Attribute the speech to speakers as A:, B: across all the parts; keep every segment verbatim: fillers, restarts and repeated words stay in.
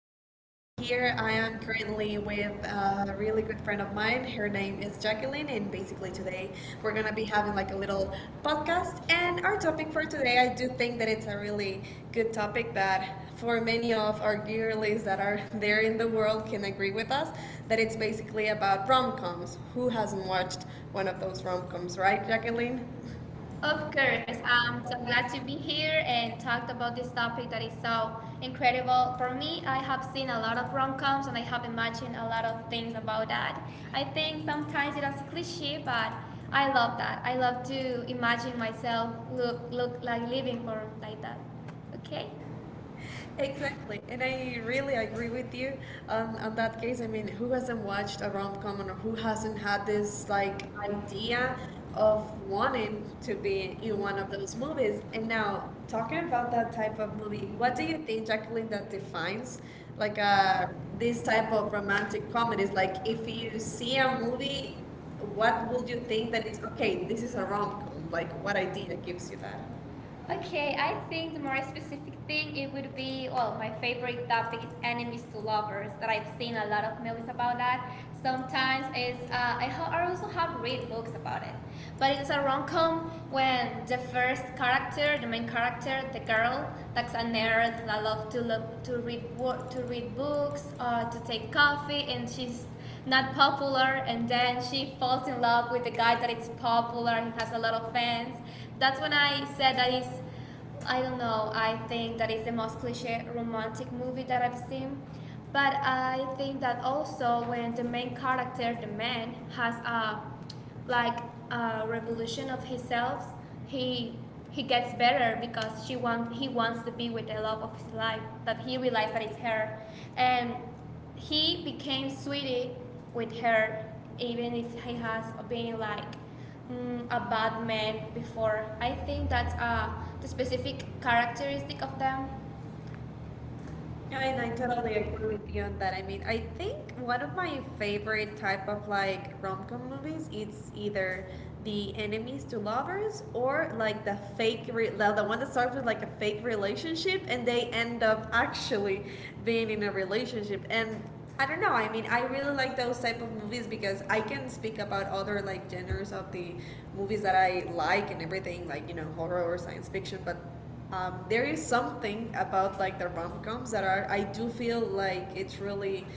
A: Nikki,
B: Katie, and
A: and
B: I'm
A: here
B: here
A: I
B: on
A: am
B: the
A: currently
B: family
A: with
B: with,
A: a
B: um, a
A: really
B: really
A: good
B: good
A: friend of
B: friend of
A: mine.
B: mine,
A: Her
B: her
A: name
B: name
A: is
B: is
A: Jacqueline,
B: Jacqueline,
A: and
B: and
A: basically
B: we're
A: today
B: today,
A: we're
B: we're
A: gonna be
B: gonna
A: having
B: have
A: like
B: an
A: a little
B: actual
A: podcast.
B: podcast, and
A: And our
B: our
A: topic
B: topic
A: for
B: for
A: today, I do think that it's a really good topic, that for many of our girlies that are there in the world can agree with us that it's basically about rom coms. Who hasn't watched one of those rom coms, right, Jacqueline?
B: Of course, um, so I'm glad to be here and talk about this topic that is so incredible. For me, I have seen a lot of rom-coms and I have imagined a lot of things about that. I think sometimes it is cliche, but I love that. I love to imagine myself look look like living for like that. Okay.
A: Exactly, and I really agree with you on, on that case. I mean, who hasn't watched a rom com, or who hasn't had this
B: Like
A: like idea
B: idea of
A: of
B: wanting
A: wanting
B: to
A: to
B: be
A: be in
B: in
A: one
B: one of
A: of those
B: those movies.
A: movies?
B: And
A: And now,
B: now,
A: talking
B: talking
A: about
B: about
A: that
B: that
A: type
B: type of
A: of
B: movie,
A: movie, what
B: what
A: do
B: do
A: you
B: you
A: think, Jacqueline, that defines like uh, this
B: this
A: type
B: type of
A: of
B: romantic
A: romantic
B: comedy.
A: comedies? Like,
B: Like if
A: if
B: we
A: you
B: ever
A: see
B: see
A: a
B: a
A: movie,
B: movie,
A: what
B: what
A: would
B: would
A: you
B: you
A: think
B: think
A: that
B: that
A: it's
B: it's
A: okay,
B: okay, this
A: this
B: is
A: is a rom
B: about
A: com? Like,
B: like
A: what
B: what I did
A: idea
B: years
A: gives you
B: ago?
A: that?
B: Okay, I think the more specific thing it would be well, my favorite topic is enemies to lovers. That I've seen a lot of movies about that. Sometimes it's uh, I, ho- I also have read books about it, but it's a rom com when the first character, the main character, the girl that's a nerd. That loves to look to read to read books, or to take coffee, and she's not popular and then she falls in love with the guy that is popular and has a lot of fans. That's when I said that is I don't know, I think that is the most cliche romantic movie that I've seen. But I think that also when the main character, the man, has a like a revolution of himself, he he gets better because she want he wants to be with the love of his life. That he realized that it's her and he became sweetie with her, even if he has been like mm, a bad man before. I think that's uh, the specific characteristic of them.
A: Yeah, and I
B: I
A: totally
B: totally
A: agree
B: agree.
A: with you on that. I mean, I think one of my favorite type of like rom-com movies, it's either the enemies to lovers, or like the fake re- the the one that starts with like a fake relationship, and they end up actually being in a relationship, and I don't know. I mean, I really like those type of movies, because I can speak about other like genres of the movies that I like and everything, like, you know, horror or science fiction. But um, there is something about like the rom-coms that are I do feel like it's really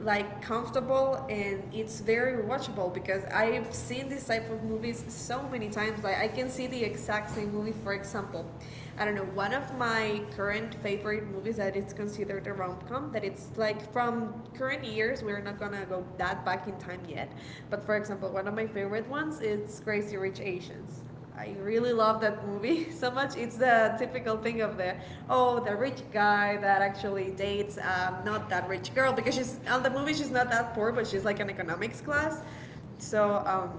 A: like comfortable, and it's very watchable, because I've seen this type of movies so many times. Like, I can see the exact same movie. For example, I don't know, one of my current favorite movies that is considered a rom-com, that it's like from current years, we're not gonna go that back in time yet, but for example, one of my favorite ones is Crazy Rich Asians. I really love that movie so much. It's the typical thing of the, oh, the rich guy that actually dates, um, not that rich girl, because she's on the movie, she's not that poor, but she's like an economics class. So, um,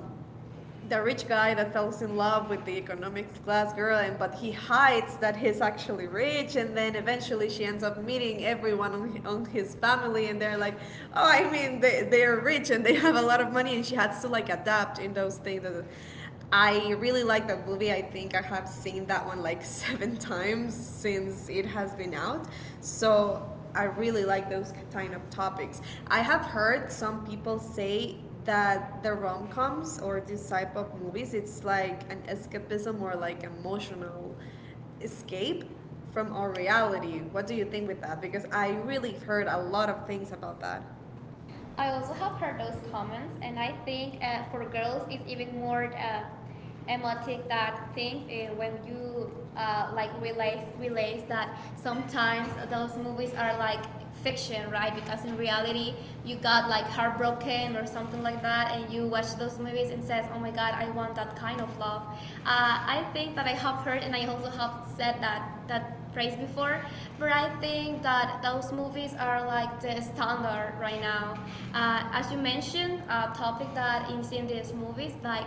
A: the rich guy that falls in love with the economics class girl, and but he hides that he's actually rich, and then eventually she ends up meeting everyone on, on his family, and they're like, oh, I mean, they they are rich, and they have a lot of money, and she has to like adapt in those things. I really like that movie. I think I have seen that one like seven times since it has been out. So I really like those kind of topics. I have heard some people say that the rom coms, or this type of movies, it's like an escapism, or like emotional escape from our reality. What do you think with that? Because I really heard a lot of things about that.
B: I also have heard those comments, and I think uh, for girls it's even more uh, emotic that thing uh, when you uh, like realize realize that sometimes those movies are like fiction, right? Because in reality you got like heartbroken or something like that, and you watch those movies and says, "Oh my God, I want that kind of love." Uh, I think that I have heard, and I also have said that that praised before, but I think that those movies are like the standard right now. Uh, as you mentioned, a topic that is in these movies, like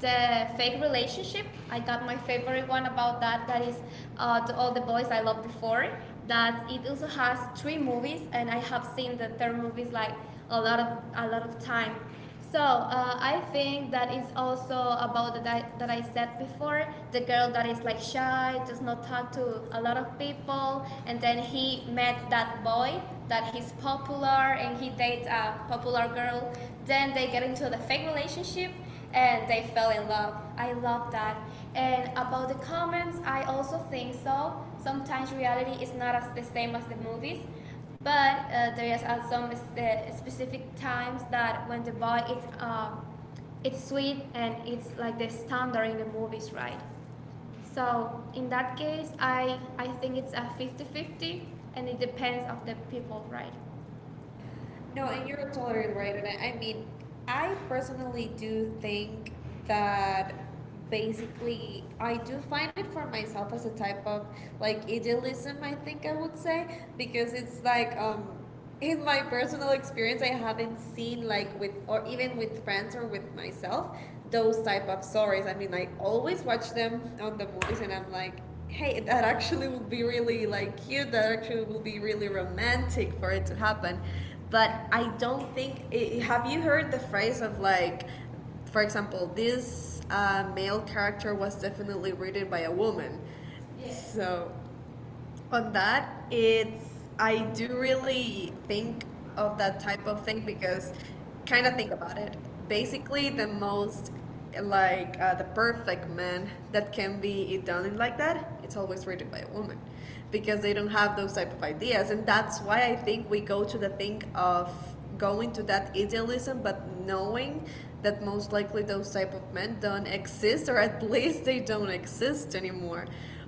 B: the fake relationship. I got my favorite one about that. That is uh, to all the boys I loved before. That it also has three movies, and I have seen the third movies like a lot of a lot of time. So uh, I think that is also about that that I said before, the girl that is like shy, does not talk to a lot of people, and then he met that boy that he's popular and he dates a popular girl. Then they get into the fake relationship, and they fell in love. I love that. And about the comments, I also think so. Sometimes reality is not as the same as the movies, but uh, there is uh, some uh, specific times that when the boy is uh, it's sweet and it's like the standard in the movies, right? So in that case, I I think it's a fifty fifty, and it depends of the people, right?
A: No,
B: Now,
A: and
B: if you
A: you're totally right
B: were
A: on
B: to
A: it. I mean, I personally do think that basically I do find it for myself as a type of like idealism, I think I would say, because it's like, um in my personal experience, I haven't seen like with, or even with friends or with myself, those type of stories. I mean, I always watch them on the movies, and I'm like, hey, that actually would be really like cute. That actually would be really romantic for it to happen. But I don't think. I have you heard the phrase of like, for example, this uh, male character was definitely written by a woman. Yeah. So on that, it's I do
B: really
A: really
B: think
A: think of
B: of
A: that
B: that
A: type
B: type
A: of
B: of
A: thing,
B: thing because
A: because kind of
B: Canada
A: think about
B: is
A: it, basically
B: basically
A: the
B: the most,
A: most like, uh, the perfect man that can be done in like that, it's always rated by a woman, because they don't have those type of ideas, and that's why I think we go to the thing of going to that idealism, but knowing that most likely those type of men don't exist, or at least they don't exist anymore.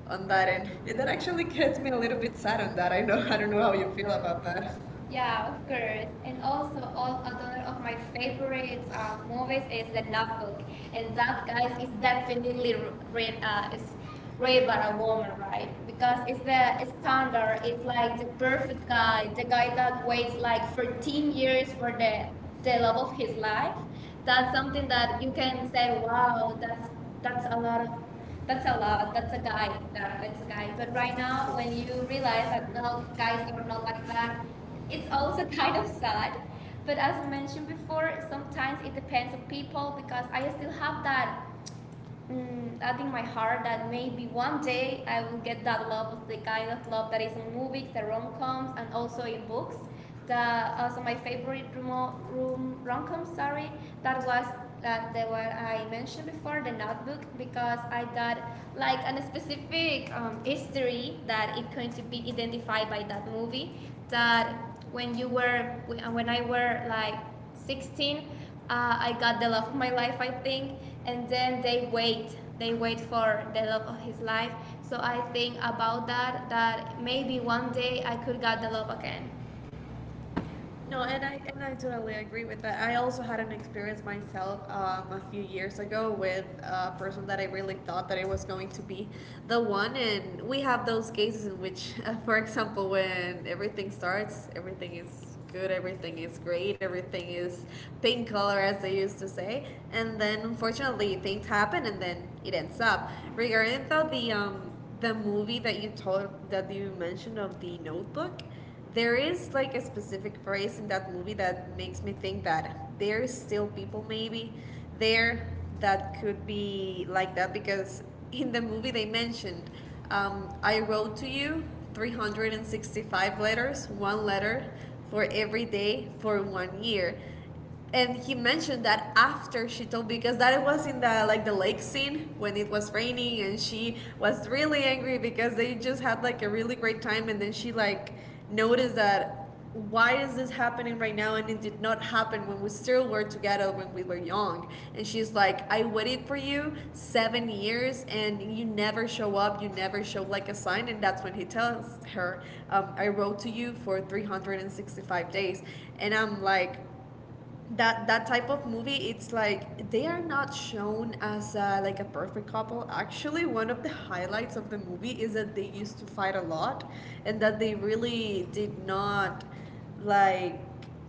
A: On that
B: but
A: end,
B: it
A: that actually
B: actually
A: gets
B: gets
A: me a
B: kind
A: little
B: of
A: bit sad on
B: excited.
A: that. I
B: I
A: know,
B: don't,
A: I
B: I
A: don't
B: don't
A: know
B: know
A: how
B: how
A: you
B: you
A: feel
B: feel
A: about
B: about that.
A: that. Yeah.
B: Yeah, of course. And
A: Also,
B: also,
A: all a
B: all another
A: lot of
B: of
A: my
B: my
A: dreams,
B: favorite
A: um,
B: um, movies
A: always in
B: is The
A: the
B: Notebook,
A: novel,
B: and
A: and
B: that guys
A: that,
B: is
A: that would
B: definitely
A: be
B: read
A: great,
B: uh, is
A: Great
B: read
A: Ray
B: by a
A: Barcelona,
B: woman, right?
A: right?
B: Because
A: Because
B: it's
A: it's
B: the
A: the
B: standard.
A: standard,
B: It's
A: it's like
B: like
A: the
B: the
A: perfect
B: perfect guy,
A: guy, the
B: the
A: guy
B: guy that
A: that
B: waits
A: weighs
B: like
A: like
B: fourteen
A: thirteen years
B: years for
A: for the,
B: the the
A: the
B: love
A: love
B: of
A: of
B: his
A: his
B: life.
A: life.
B: That's
A: That's kind
B: something that you can
A: of
B: say,
A: said, wow,
B: wow,
A: that's,
B: that's that's
A: that's
B: a
A: a
B: lot
A: lot, of,
B: of that's
A: that's
B: a lot. That's a
A: a
B: guy.
A: guy, that,
B: Yeah,
A: that's
B: that's a
A: a
B: guy.
A: guy.
B: But
A: But
B: right
A: right
B: now,
A: now, when
B: when you
A: you
B: realize
A: realize
B: that no,
A: that
B: guys
A: guys
B: are
A: are
B: not
A: not
B: like
A: like that,
B: that, it's
A: it's
B: also
A: also
B: kind
A: kind
B: of
A: of.
B: sad. But as I mentioned before, sometimes it depends on people because I still have that mm, that in my heart that maybe one day I will get that love of the kind of love that is in movies, the rom coms, and also in books. The, also my favorite rom rom com, sorry, that was that the one I mentioned before, the notebook, because I got like a specific um, history that it going to be identified by that movie that when you were when I were like sixteen uh, I got the love of my life, I think, and then they wait they wait for the love of his life. So I think about that that maybe one day I could get the love again.
A: No, and I and I totally agree with that. I also had an experience myself, um, a few years ago, with a person that I really thought that it was going to be the one, and we have those cases in which, uh, for example, when everything starts, everything is good, everything is great, everything is pink color, as they used to say, and then unfortunately things happen, and then it ends up. Regarding though the um, the movie that you told that you mentioned, of the Notebook, there is like a specific phrase in that movie that makes me think that there is still people maybe there that could be like that, because in the movie they mentioned, um, I wrote to you three hundred sixty-five letters, one letter for every day for one year, and he mentioned that after she told, because that was in the like the lake scene, when it was raining, and she was really angry, because they just had like a really great time, and then she like noticed that, why is this happening right now, and it did not happen when we still were together, when we were young. And she's like, I waited for you seven years, and you never show up, you never show like a sign, and that's when he tells her, um, I wrote to you for three hundred sixty-five days. And I'm like, that that type of movie, it's like they are not shown as, uh, like a perfect couple. Actually, one of the highlights of the movie is that they used to fight a lot, and that they really did not like,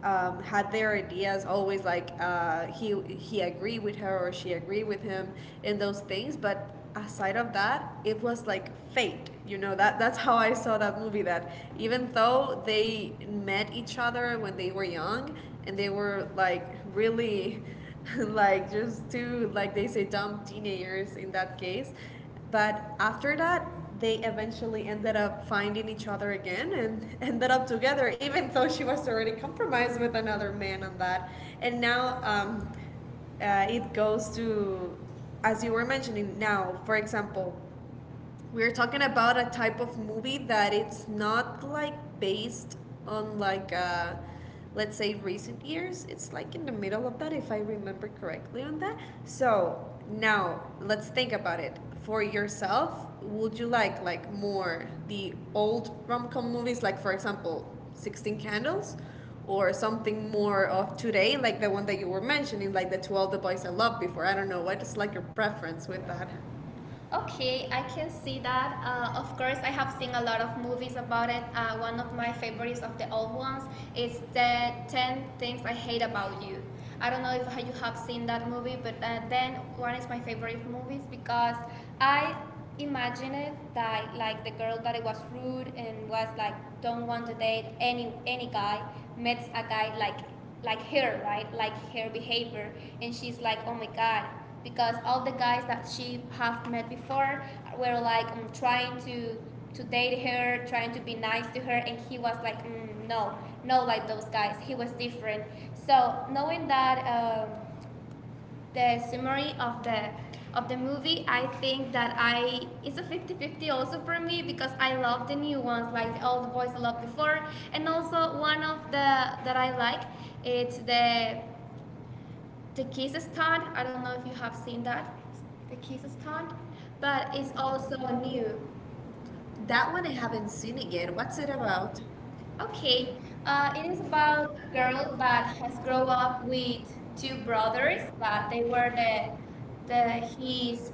A: um, had their ideas always like, uh, he he agree with her, or she agree with him in those things. But aside of that, it was like fate, you know, that that's how I saw that movie. That even though they met each other when they were young, and they were like really like just two, like they say, dumb teenagers in that case, but after that they eventually ended up finding each other again, and ended up together, even though she was already compromised with another man on that. And now, um, uh, it goes to, as you were mentioning, now for example we're talking about a type of movie that it's not like based on like, uh let's say recent years, it's like in the middle of that, if I remember correctly on that. So now let's think about it for yourself. Would you like like more the old rom-com movies, like for example sixteen candles, or something more of today, like the one that you were mentioning, like the To All the Boys I Loved Before? I don't know, what is like your preference with that?
B: Okay, I can see that. Uh, of course, I have seen a lot of movies about it. Uh, one of my favorites of the old ones is the ten Things I Hate About You. I don't know if you have seen that movie, but uh, then one is my favorite movies because I imagine it that like the girl that it was rude and was like don't want to date any any guy meets a guy like like her, right? Like her behavior, and she's like, oh my god, because all the guys that she have met before were like um, trying to to date her, trying to be nice to her, and he was like, mm, no, no, like those guys. He was different. So knowing that. Um, the summary of the of the movie, I think that I it's a fifty fifty also for me because I love the new ones like All the boys I loved before, and also one of the that I like it's the the kiss stunt. I don't know if you have seen that, the kiss stunt, but it's also new.
A: That
B: That
A: one I
B: one I
A: haven't
B: haven't seen
A: seen it
B: it
A: yet.
B: yet.
A: What's
B: What's
A: it
B: it about?
A: about?
B: Okay,
A: Okay,
B: uh,
A: uh,
B: it is
A: it's
B: about
A: about
B: a
A: a
B: girl
A: girl that
B: that has grown
A: grew up
B: up with
A: with
B: two
A: two
B: brothers
A: brothers
B: that
A: that
B: they
A: they
B: were
A: were
B: the, the
A: the, his
B: his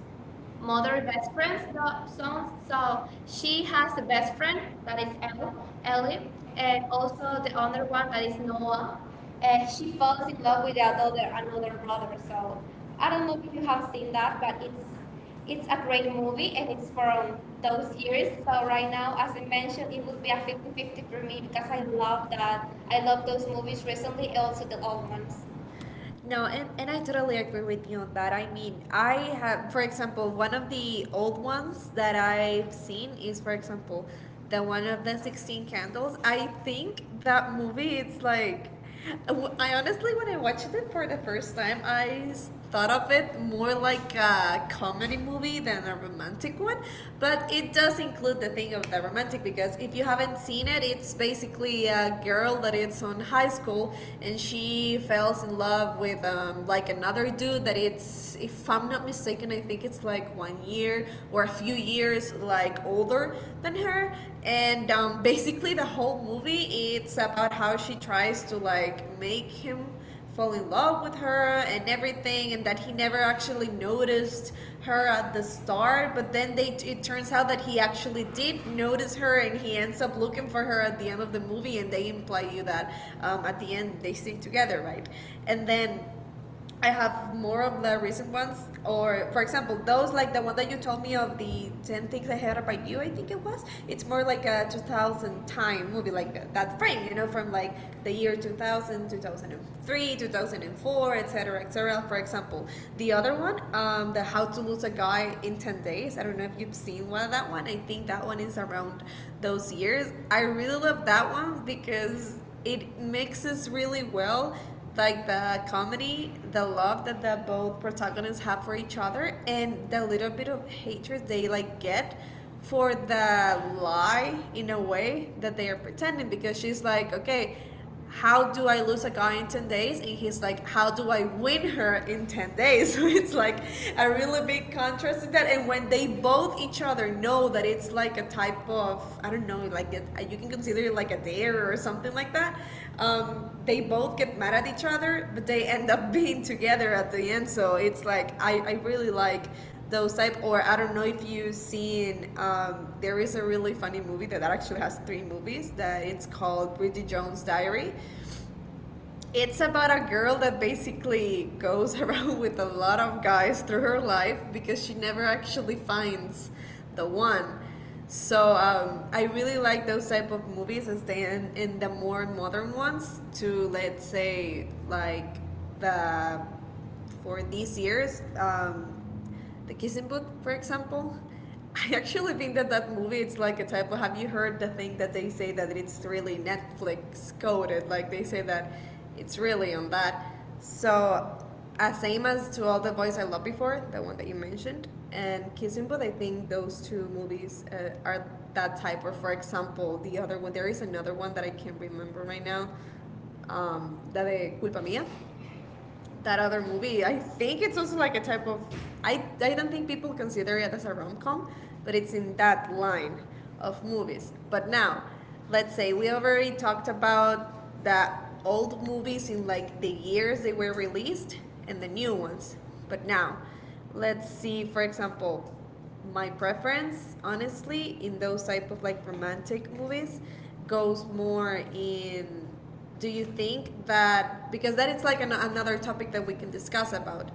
B: mother
A: mother
B: best
A: best
B: friends
A: friends. But
B: the sons.
A: some
B: So
A: so
B: she
A: she
B: has
A: has
B: a
A: a best
B: best friend
A: friend
B: that
A: that
B: is
A: is
B: El,
A: Elle, Ellie,
B: Ellie, and
A: and also
B: also the
A: the
B: other
A: other
B: one
A: one
B: that is
A: is
B: Noah.
A: Noah,
B: And
A: and
B: she
A: she falls
B: falls in
A: in
B: love
A: love with
B: with another another
A: another
B: brother.
A: brother.
B: So
A: So
B: I
A: I
B: don't
A: don't know
B: know
A: if
B: if you
A: you
B: have
A: have
B: seen
A: seen
B: that,
A: that,
B: but
A: but
B: it's
A: it's it's
B: it's a great
A: a
B: movie
A: movie
B: and
A: and
B: it's
A: it's
B: from
A: from those
B: those years.
A: years.
B: So
A: So
B: right now, as I mentioned, it would be a fifty-fifty for me because I love that. I love those movies recently and also the old ones.
A: no, and, and I totally agree with you on that. I mean, I have, for example, one of the old ones that I've seen is, for example, the one of the sixteen candles. I think that movie, it's like, I honestly, when I watched it for the first time, I thought of it more like a comedy movie than a romantic one, but it does include the thing of the romantic. Because if you haven't seen it, it's basically a girl that is on high school and she falls in love with um, like another dude that it's, if I'm not mistaken, I think it's like one year or a few years like older than her. And um, basically the whole movie it's about how she tries to like make him fall in love with her and everything and that he never actually noticed her at the start, but then they it turns out that he actually did notice her and he ends up looking for her at the end of the movie, and they imply you that um, at the end they stay together, right? And then I have more of the recent ones. Or for example, those like the one that you told me of the ten Things I Hate About You, I think it was. It's more like a two thousand time movie, like that frame, you know, from like the year two thousand, two thousand three, two thousand four, et cetera, et cetera. For example, the other one, um, the How to Lose a Guy in ten Days, I don't know if you've seen one of that one. I think that one is around those years. I really love that one because it mixes really well like the comedy, the love that the both protagonists have for each other, and the little bit of hatred they like get for the lie in a way that they are pretending, because she's like, okay, how do I lose a guy in ten days? And he's like, how do I win her in ten days? So it's like a really big contrast in that. And when they both both each other know that it's like a type of, I don't know, like it, you can consider it like a dare or something like that. Um, they both get mad at each other, but they end up being together at the end. So it's like, I, I really like those type. Or I don't know if you've seen. Um, there is a really funny movie that, that actually has three movies. That it's called Bridget Jones' Diary. It's about a girl that basically goes around with a lot of guys through her life because she never actually finds the one. So um, I really like those type of movies. As they in, in the more modern ones, to let's say like the for these years, um, the Kissing Booth, for example. I actually think that that movie it's like a type of, have you heard the thing that they say that it's really Netflix coded, like they say that it's really on that? So as same as To All the Boys I Loved Before, the one that you mentioned, and Kissing Booth, I think those two movies uh, are that type. Or for example, the other one, there is another one that I can't remember right now, um, that de Culpa Mía, that other movie. I think it's also like a type of. I, I don't think people consider it as a rom com, but it's in that line of movies. But now, let's say we already talked about the old movies in like the years they were released and the new ones. But now, let's see, for example, my preference, honestly, in those type of like romantic movies goes more in, do you think that, because that it's like an, another topic that we can discuss about.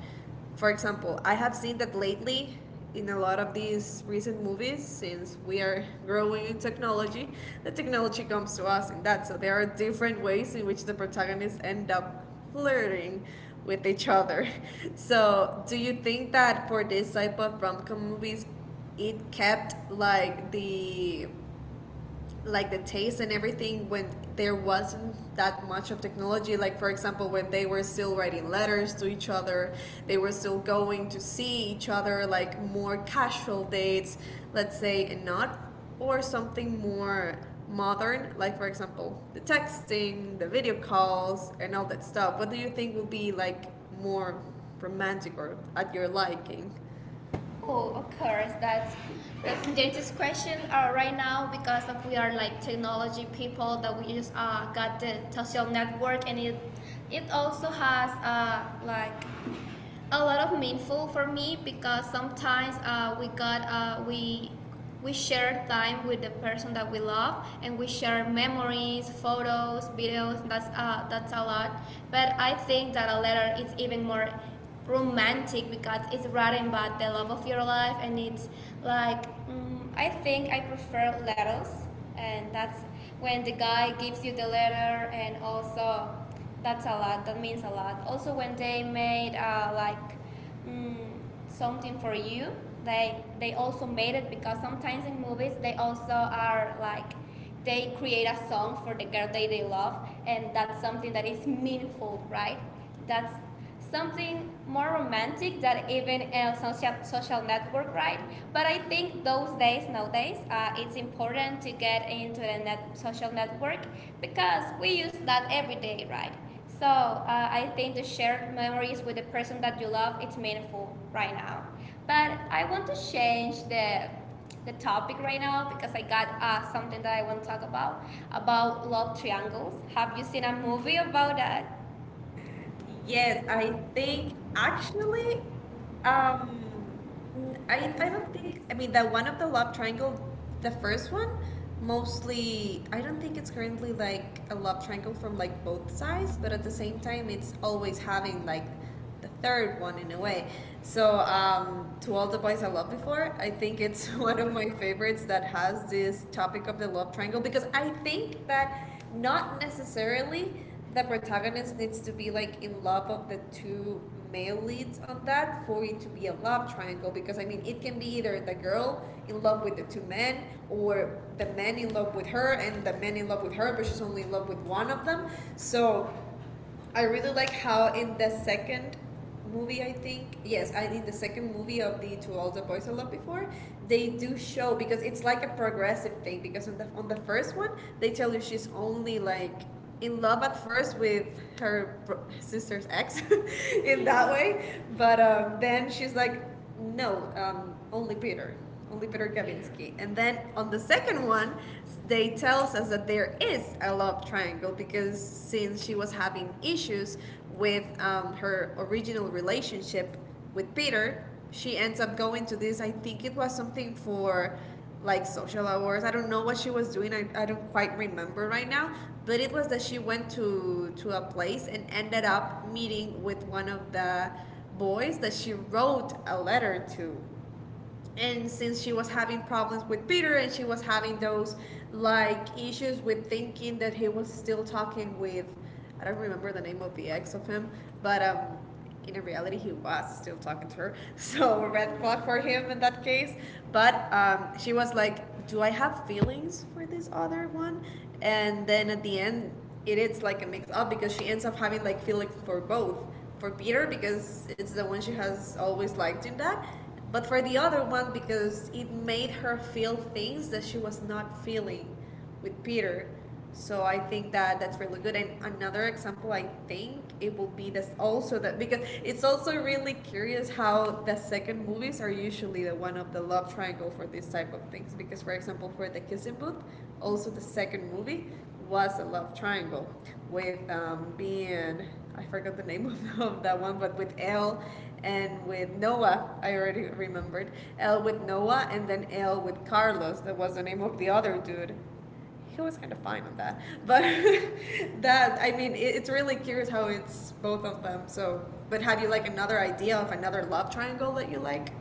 A: For example, I have seen that lately in a lot of these recent movies, since we are growing in technology, the technology comes to us in that. So there are different ways in which the protagonists end up flirting with each other. So do you think that for this type of rom-com movies it kept like the like the taste and everything when there wasn't that much of technology? Like for example, when they were still writing letters to each other, they were still going to see each other, like more casual dates, let's say, and not, or something more modern, like for example, the texting, the video calls, and all that stuff. What do you think will be like more romantic or at your liking?
B: Oh, of course, that's that's the dirtiest question uh, right now because of we are like technology people that we just uh, got the social network, and it it also has uh, like a lot of meaningful for me because sometimes uh, we got uh, we we share time with the person that we love and we share memories, photos, videos. That's uh, that's a lot, but I think that a letter is even more romantic because it's writing about the love of your life, and it's like mm, I think I prefer letters. And that's when the guy gives you the letter, and also that's a lot. That means a lot also when they made uh, like mm, mm, something for you. They they also made it because sometimes in movies they also are like they create a song for the girl they, they love, and that's something that is meaningful, right? That's something more romantic than even a social, social network, right? But I think those days nowadays uh, it's important to get into the net, social network because we use that every day, right? So uh, I think the shared memories with the person that you love it's meaningful right now. But I want to change the the topic right now because I got uh, something that I want to talk about about love triangles. Have you seen a movie about that? Yes,
A: Yes,
B: I
A: I
B: think
A: think actually,
B: actually, um,
A: um, n-
B: I
A: I
B: mean,
A: I
B: one
A: don't
B: of
A: think, I mean that one of the love triangle, the first one, mostly I don't think it's currently like a love triangle from like both sides, but at the same time it's always having like the third one in a way. So um, to All the Boys I Loved Before, I think it's one of
B: the
A: my favorites that has this topic of the love triangle, because I think that not necessarily the protagonist needs to be like in love of the two male leads on that for it to be a love triangle. Because I mean, it can be either the girl in love with the two men, or the man in love with her and the man in love with her but she's only in love with one of them. So I really like how in the second movie, I think, yes, I in the second movie of the To All the Boys I Loved Before, they do show, because it's like a progressive thing. Because on the on the first one, they tell you she's only like in love at first with her bro- sister's ex, in that way. But um, then she's like, no, um, only Peter, only Peter Kavinsky. And then on the second one, they tells us that there is a love triangle, because since she was having issues with um, her original relationship with Peter, she ends up going to this. I think it was something for like social hours. I don't know what she was doing. I, I don't quite remember right now. But it was that she went to to a place and ended up meeting with one of the boys that she wrote a letter to, and since she was having problems with Peter and she was having those like issues with thinking that he was still talking with, I don't remember the name of the ex of him, but um in reality he was still talking to her. So red flag for him in that case. But um she was like, do I have feelings for this other one? And then at the end it is like a mix up because she ends up having like feelings for both. For Peter, because it's the one she has always liked in that, but for the other one, because it made her feel things that she was not feeling with Peter. So I think that that's really good. And another example, I think it will be this also, that because it's also really curious how the second movies are usually the one of the love triangle for this type of things. Because for example, for the Kissing Booth, also the second movie was a love triangle, with um, being, I forgot the name of, of that one, but with Elle and with Noah. I already remembered Elle with Noah, and then Elle with Carlos. That was the name of the other dude. He was kind of fine on that, but that, I mean, it, it's really curious how it's both of them. So, but have you like another idea of another love triangle that you like?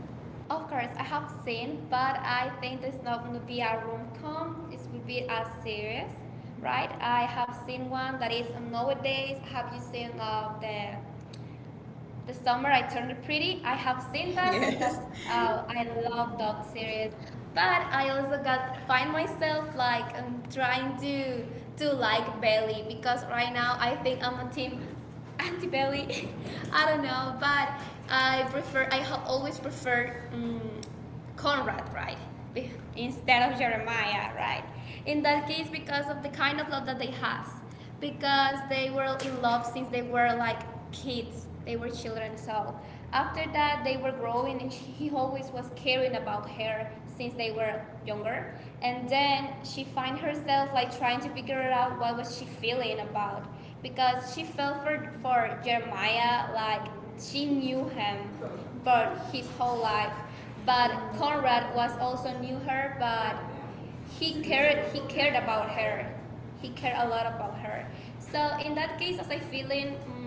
B: Of course, I have seen, but I think this is not going to be a rom com. It will be a series, right? I have seen one that is nowadays. Have you seen uh, the the summer I turned pretty? I have seen that, and
A: Yes.
B: that's uh I love that series. But I also got find myself like I'm trying to to like Bailey because right now I think I'm a team anti Bailey. I don't know, but I prefer. I have always preferred. Um, Conrad, right? Instead of Jeremiah, right? In that case, because of the kind of love that they has, because they were in love since they were like kids, they were children. So after that, they were growing, and he always was caring about her since they were younger. And then she find herself like trying to figure out what was she feeling about, because she felt for for Jeremiah like she knew him for his whole life, but Conrad was also knew her, but he cared he cared about her. He cared a lot about her. So in that case, as I feeling mm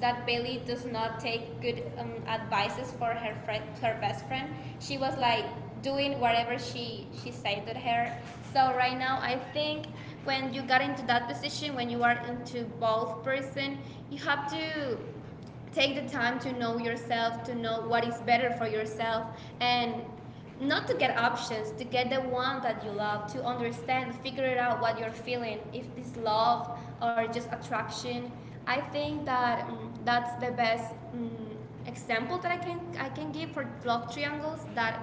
B: that Bailey does not take good um, advices for her friend, her best friend. She was like doing whatever she she said to her. So right now, I think when you got into that position, when you are into both person, you have to take the time to know yourself, to know what is better for yourself, and not to get options, to get the one that you love, to understand, figure it out what you're feeling, if this love or just attraction. I think that mm, that's the best mm, example that I can I can give for love triangles, that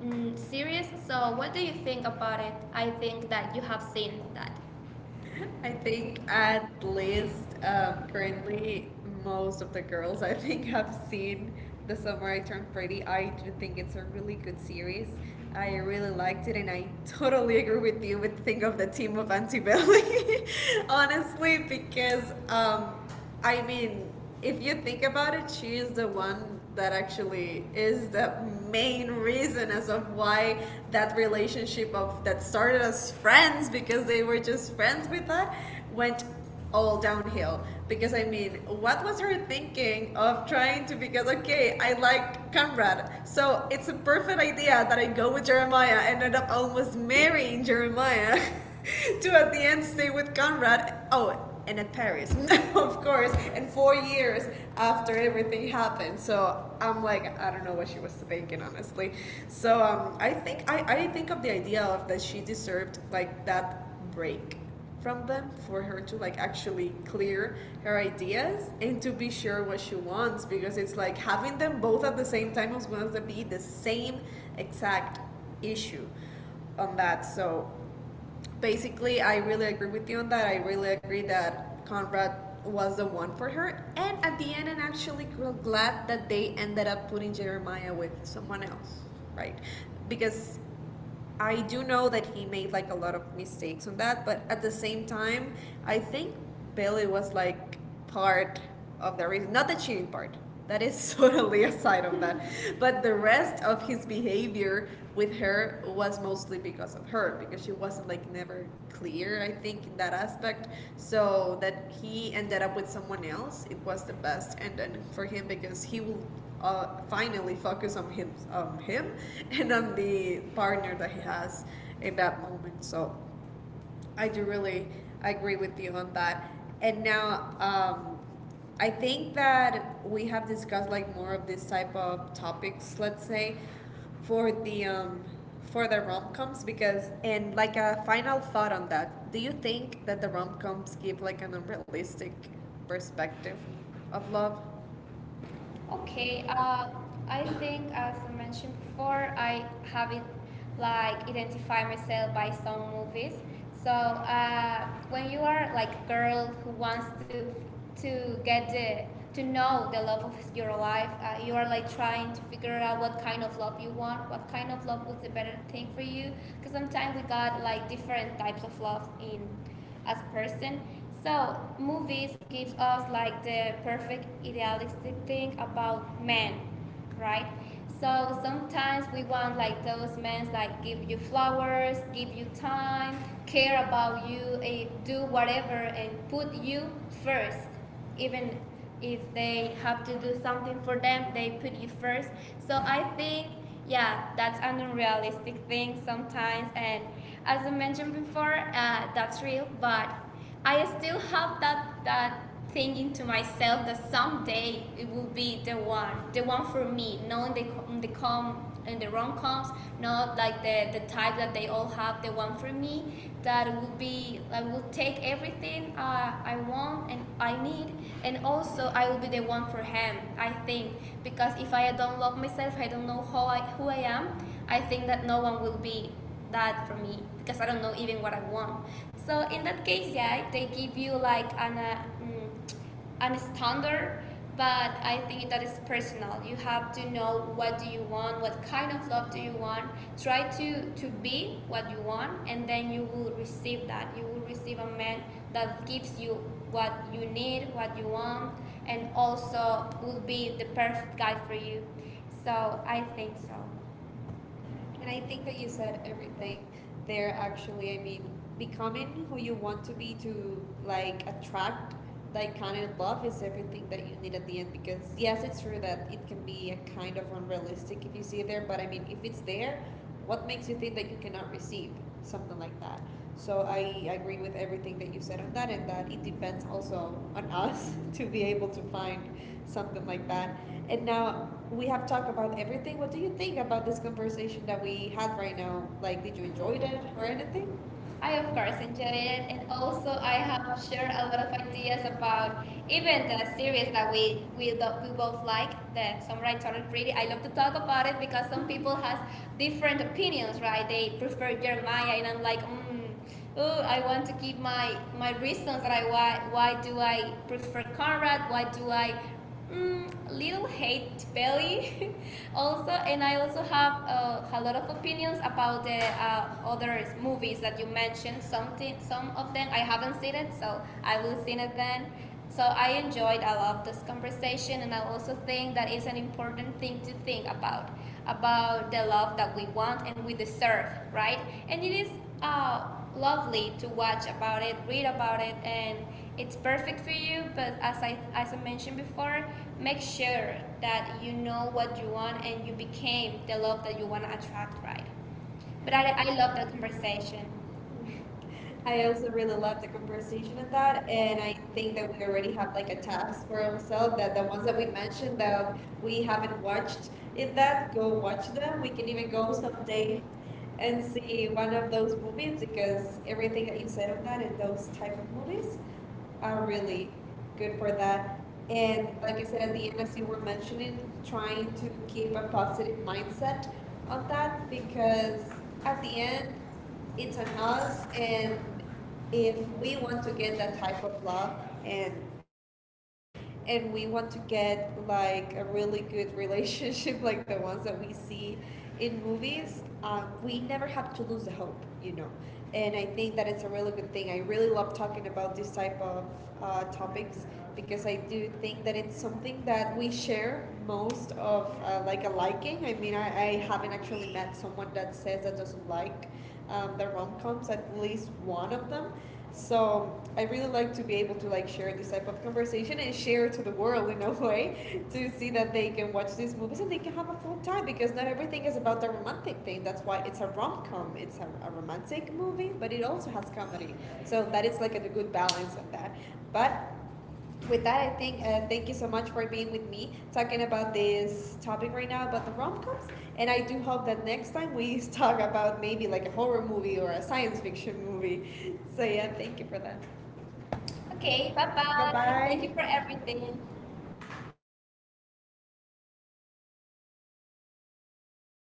B: mm, series. So what do you think about it? I think that you have seen that.
A: I
B: I think
A: think
B: I,
A: at least um,
B: um,
A: currently most of the girls I think have seen The Summer I Turned Pretty. I do think it's a really good series. I really liked it and I totally agree with you with think of the team of Antibelly. Honestly, because um, I mean, if you think about it, she is the one that actually is the main reason as of why that relationship of that started as friends, because they were just friends with that, went all downhill. Because I mean, what was her thinking of trying to? Because, okay, I like Conrad, so it's a perfect idea that I go with Jeremiah, ended up almost marrying Jeremiah, to at the end stay with Conrad. Oh, and at Paris, of course, and four years after everything happened. So I'm like, I don't know what she was thinking, honestly. So um, I think I, I think of the idea of that she deserved like that break from them, for her to like actually clear her ideas and to be sure what she wants. Because it's like having them both at the same time was going to be the same exact issue on that. So basically, I really agree with you on that. I really agree that Conrad was the one for her. And at the end, I'm actually glad that they ended up putting Jeremiah with someone else, right? Because I do know that he made like a lot of mistakes on that, but at the same time, I think Billy was like part of the reason, not the cheating part. That is totally aside of that. But the rest of his behavior with her was mostly because of her, because she wasn't like never clear, I think, in that aspect. So that he ended up with someone else, it was the best. And then for him, because he will uh, finally focus on him, on him, and on the partner that he has in that moment. So I do really agree with you on that. And now um, I think that we have discussed like more of this type of topics. Let's say for the um, for the rom coms because and like a final thought on that. Do you think that the rom coms give like an unrealistic perspective of love?
B: Okay,
A: Okay.
B: uh, I think as I mentioned before, I have it like identify myself by some movies. So uh, when you are like a girl who wants to to get the to know the love of your life, uh, you are like trying to figure out what kind of love you want, what kind of love was the better thing for you. Because sometimes we got like different types of love in as a person. So movies gives us like the perfect idealistic thing about men, right? So sometimes we want like those men like give you flowers, give you time, care about you, eh, do whatever and put you first, even if they have to do something for them, they put you first. So I think, yeah, that's an unrealistic thing sometimes. And as I mentioned before, uh, that's real, but I still have that, that thinking to myself that someday it will be the one, the one for me, knowing the, c- the calm in the rom coms, not like the, the type that they all have, the one for me that will be that will take everything uh, I want and I need, and also I will be the one for him. I think because if I don't love myself, I don't know how I, who I am. I think that no one will be that for me because I don't know even what I want. So in that case, yeah, they give you like an. Uh, mm, a standard, but I think that is personal. You have to know what do you want, what kind of love do you want, try to to be what you want, and then you will receive that, you will receive a man that gives you what you need, what you want, and also will be the perfect guy for you. So I think so.
A: And I think that you said everything there actually. I mean, becoming who you want to be to like attract that kind of love is everything that you need at the end because yes, it's true that it can be a kind of unrealistic if you see it there, but I mean, if it's there, what makes you think that you cannot receive something like that? So I agree with everything that you said on that, and that it depends also on us to be able to find something like that. And now we have talked about everything. What do you think about this conversation that we had right now? Like, did you enjoy it or anything?
B: I
A: I
B: of
A: of
B: course
A: course.
B: enjoy it, and also
A: Also,
B: I
A: I
B: have
A: have
B: shared
A: shared
B: a
A: a
B: lot
A: lot
B: of
A: of
B: ideas
A: ideas about
B: about
A: the
B: even the series
A: experience
B: that
A: that
B: we
A: we
B: we, lo- we both like, the Samurai Turtle Pretty. I love to talk about it because some people has different opinions, right? They prefer Jeremiah, and I'm like, mm, oh, I want to give my my reasons that I why why do I prefer Conrad? Why do I mm, little hate Belly? Also, and I also have uh, a lot of opinions about the uh, other movies that you mentioned. Something, some of them I haven't seen it, so I will see it then. So I enjoyed a lot of this conversation, and I also think that it's an important thing to think about about the love that we want and we deserve, right? And it is. Uh, Lovely to watch about it, read about it, and it's perfect for you. But as I as I mentioned before, make sure that you know what you want and you became the love that you want to attract, right? But
A: that
B: I,
A: I
B: I
A: think
B: love
A: about
B: that
A: the conversation.
B: conversation.
A: I
B: I
A: also
B: also had
A: really
B: a lot
A: love
B: of
A: the conversation
B: conversation
A: in
B: of that,
A: that,
B: and
A: and I
B: I
A: think
B: think
A: that
B: that
A: we
B: we
A: already
B: already
A: have
B: have
A: like a
B: like a task
A: task
B: for
A: for ourselves
B: ourselves,
A: that
B: that
A: the
B: the
A: ones
B: ones
A: that
B: that
A: we
B: we
A: mentioned
B: mentioned that
A: that we
B: we
A: haven't
B: haven't watched
A: watched in
B: in that,
A: that, go
B: we'll watch
A: watch them.
B: them.
A: We
B: We
A: can
B: can
A: even
B: even
A: go
B: go someday
A: someday and
B: and see
A: see one
B: one of
A: of those
B: those
A: movies
B: movies because
A: because everything
B: everything
A: that
B: that
A: you
B: you said
A: said on that
B: had it
A: and
B: was
A: those type
B: like
A: of
B: movies.
A: movies
B: Oh
A: are
B: really
A: really good
B: good
A: for
B: for
A: that.
B: that. And
A: And
B: like
A: like you
B: I
A: said at
B: said,
A: the
B: the
A: end,
B: others
A: as you
B: who
A: were
B: were mentioning,
A: mentioning,
B: trying
A: trying
B: to
A: to keep
B: keep
A: a
B: a
A: positive
B: positive
A: mindset
B: mindset
A: on
B: of that
A: that
B: because
A: because at
B: at
A: the
B: the
A: end,
B: end,
A: it's
B: it's
A: on
B: on us
A: us.
B: and
A: And if
B: if
A: we
B: we
A: want
B: want
A: to
B: to
A: get
B: get
A: that
B: that high.
A: type of love and and we want to get like a really good relationship like the ones that we see in movies, um, we never have to lose the hope you know and I think that it's a really good thing. I really love talking about this type of uh, topics because I do think that it's something that we share most of uh, like a liking. I mean, I, I haven't actually met someone that says that doesn't like um, the rom-coms, at least one of them. So I really like to be able to like share this type of conversation and share to the world in a way to see that they can watch these movies and they can have a full time because not everything is about the romantic thing. That's why it's a rom com. It's a, a romantic movie, but it also has comedy. So that is like a good balance of that. But with that, I think uh, thank you so much for being with me talking about this topic right now about the rom coms. And I do hope that next time we talk about maybe like a horror movie or a science fiction movie. So, yeah, thank you for that. Okay.
B: Okay, bye
A: Bye
B: bye. Thank you for
A: bye.
B: everything.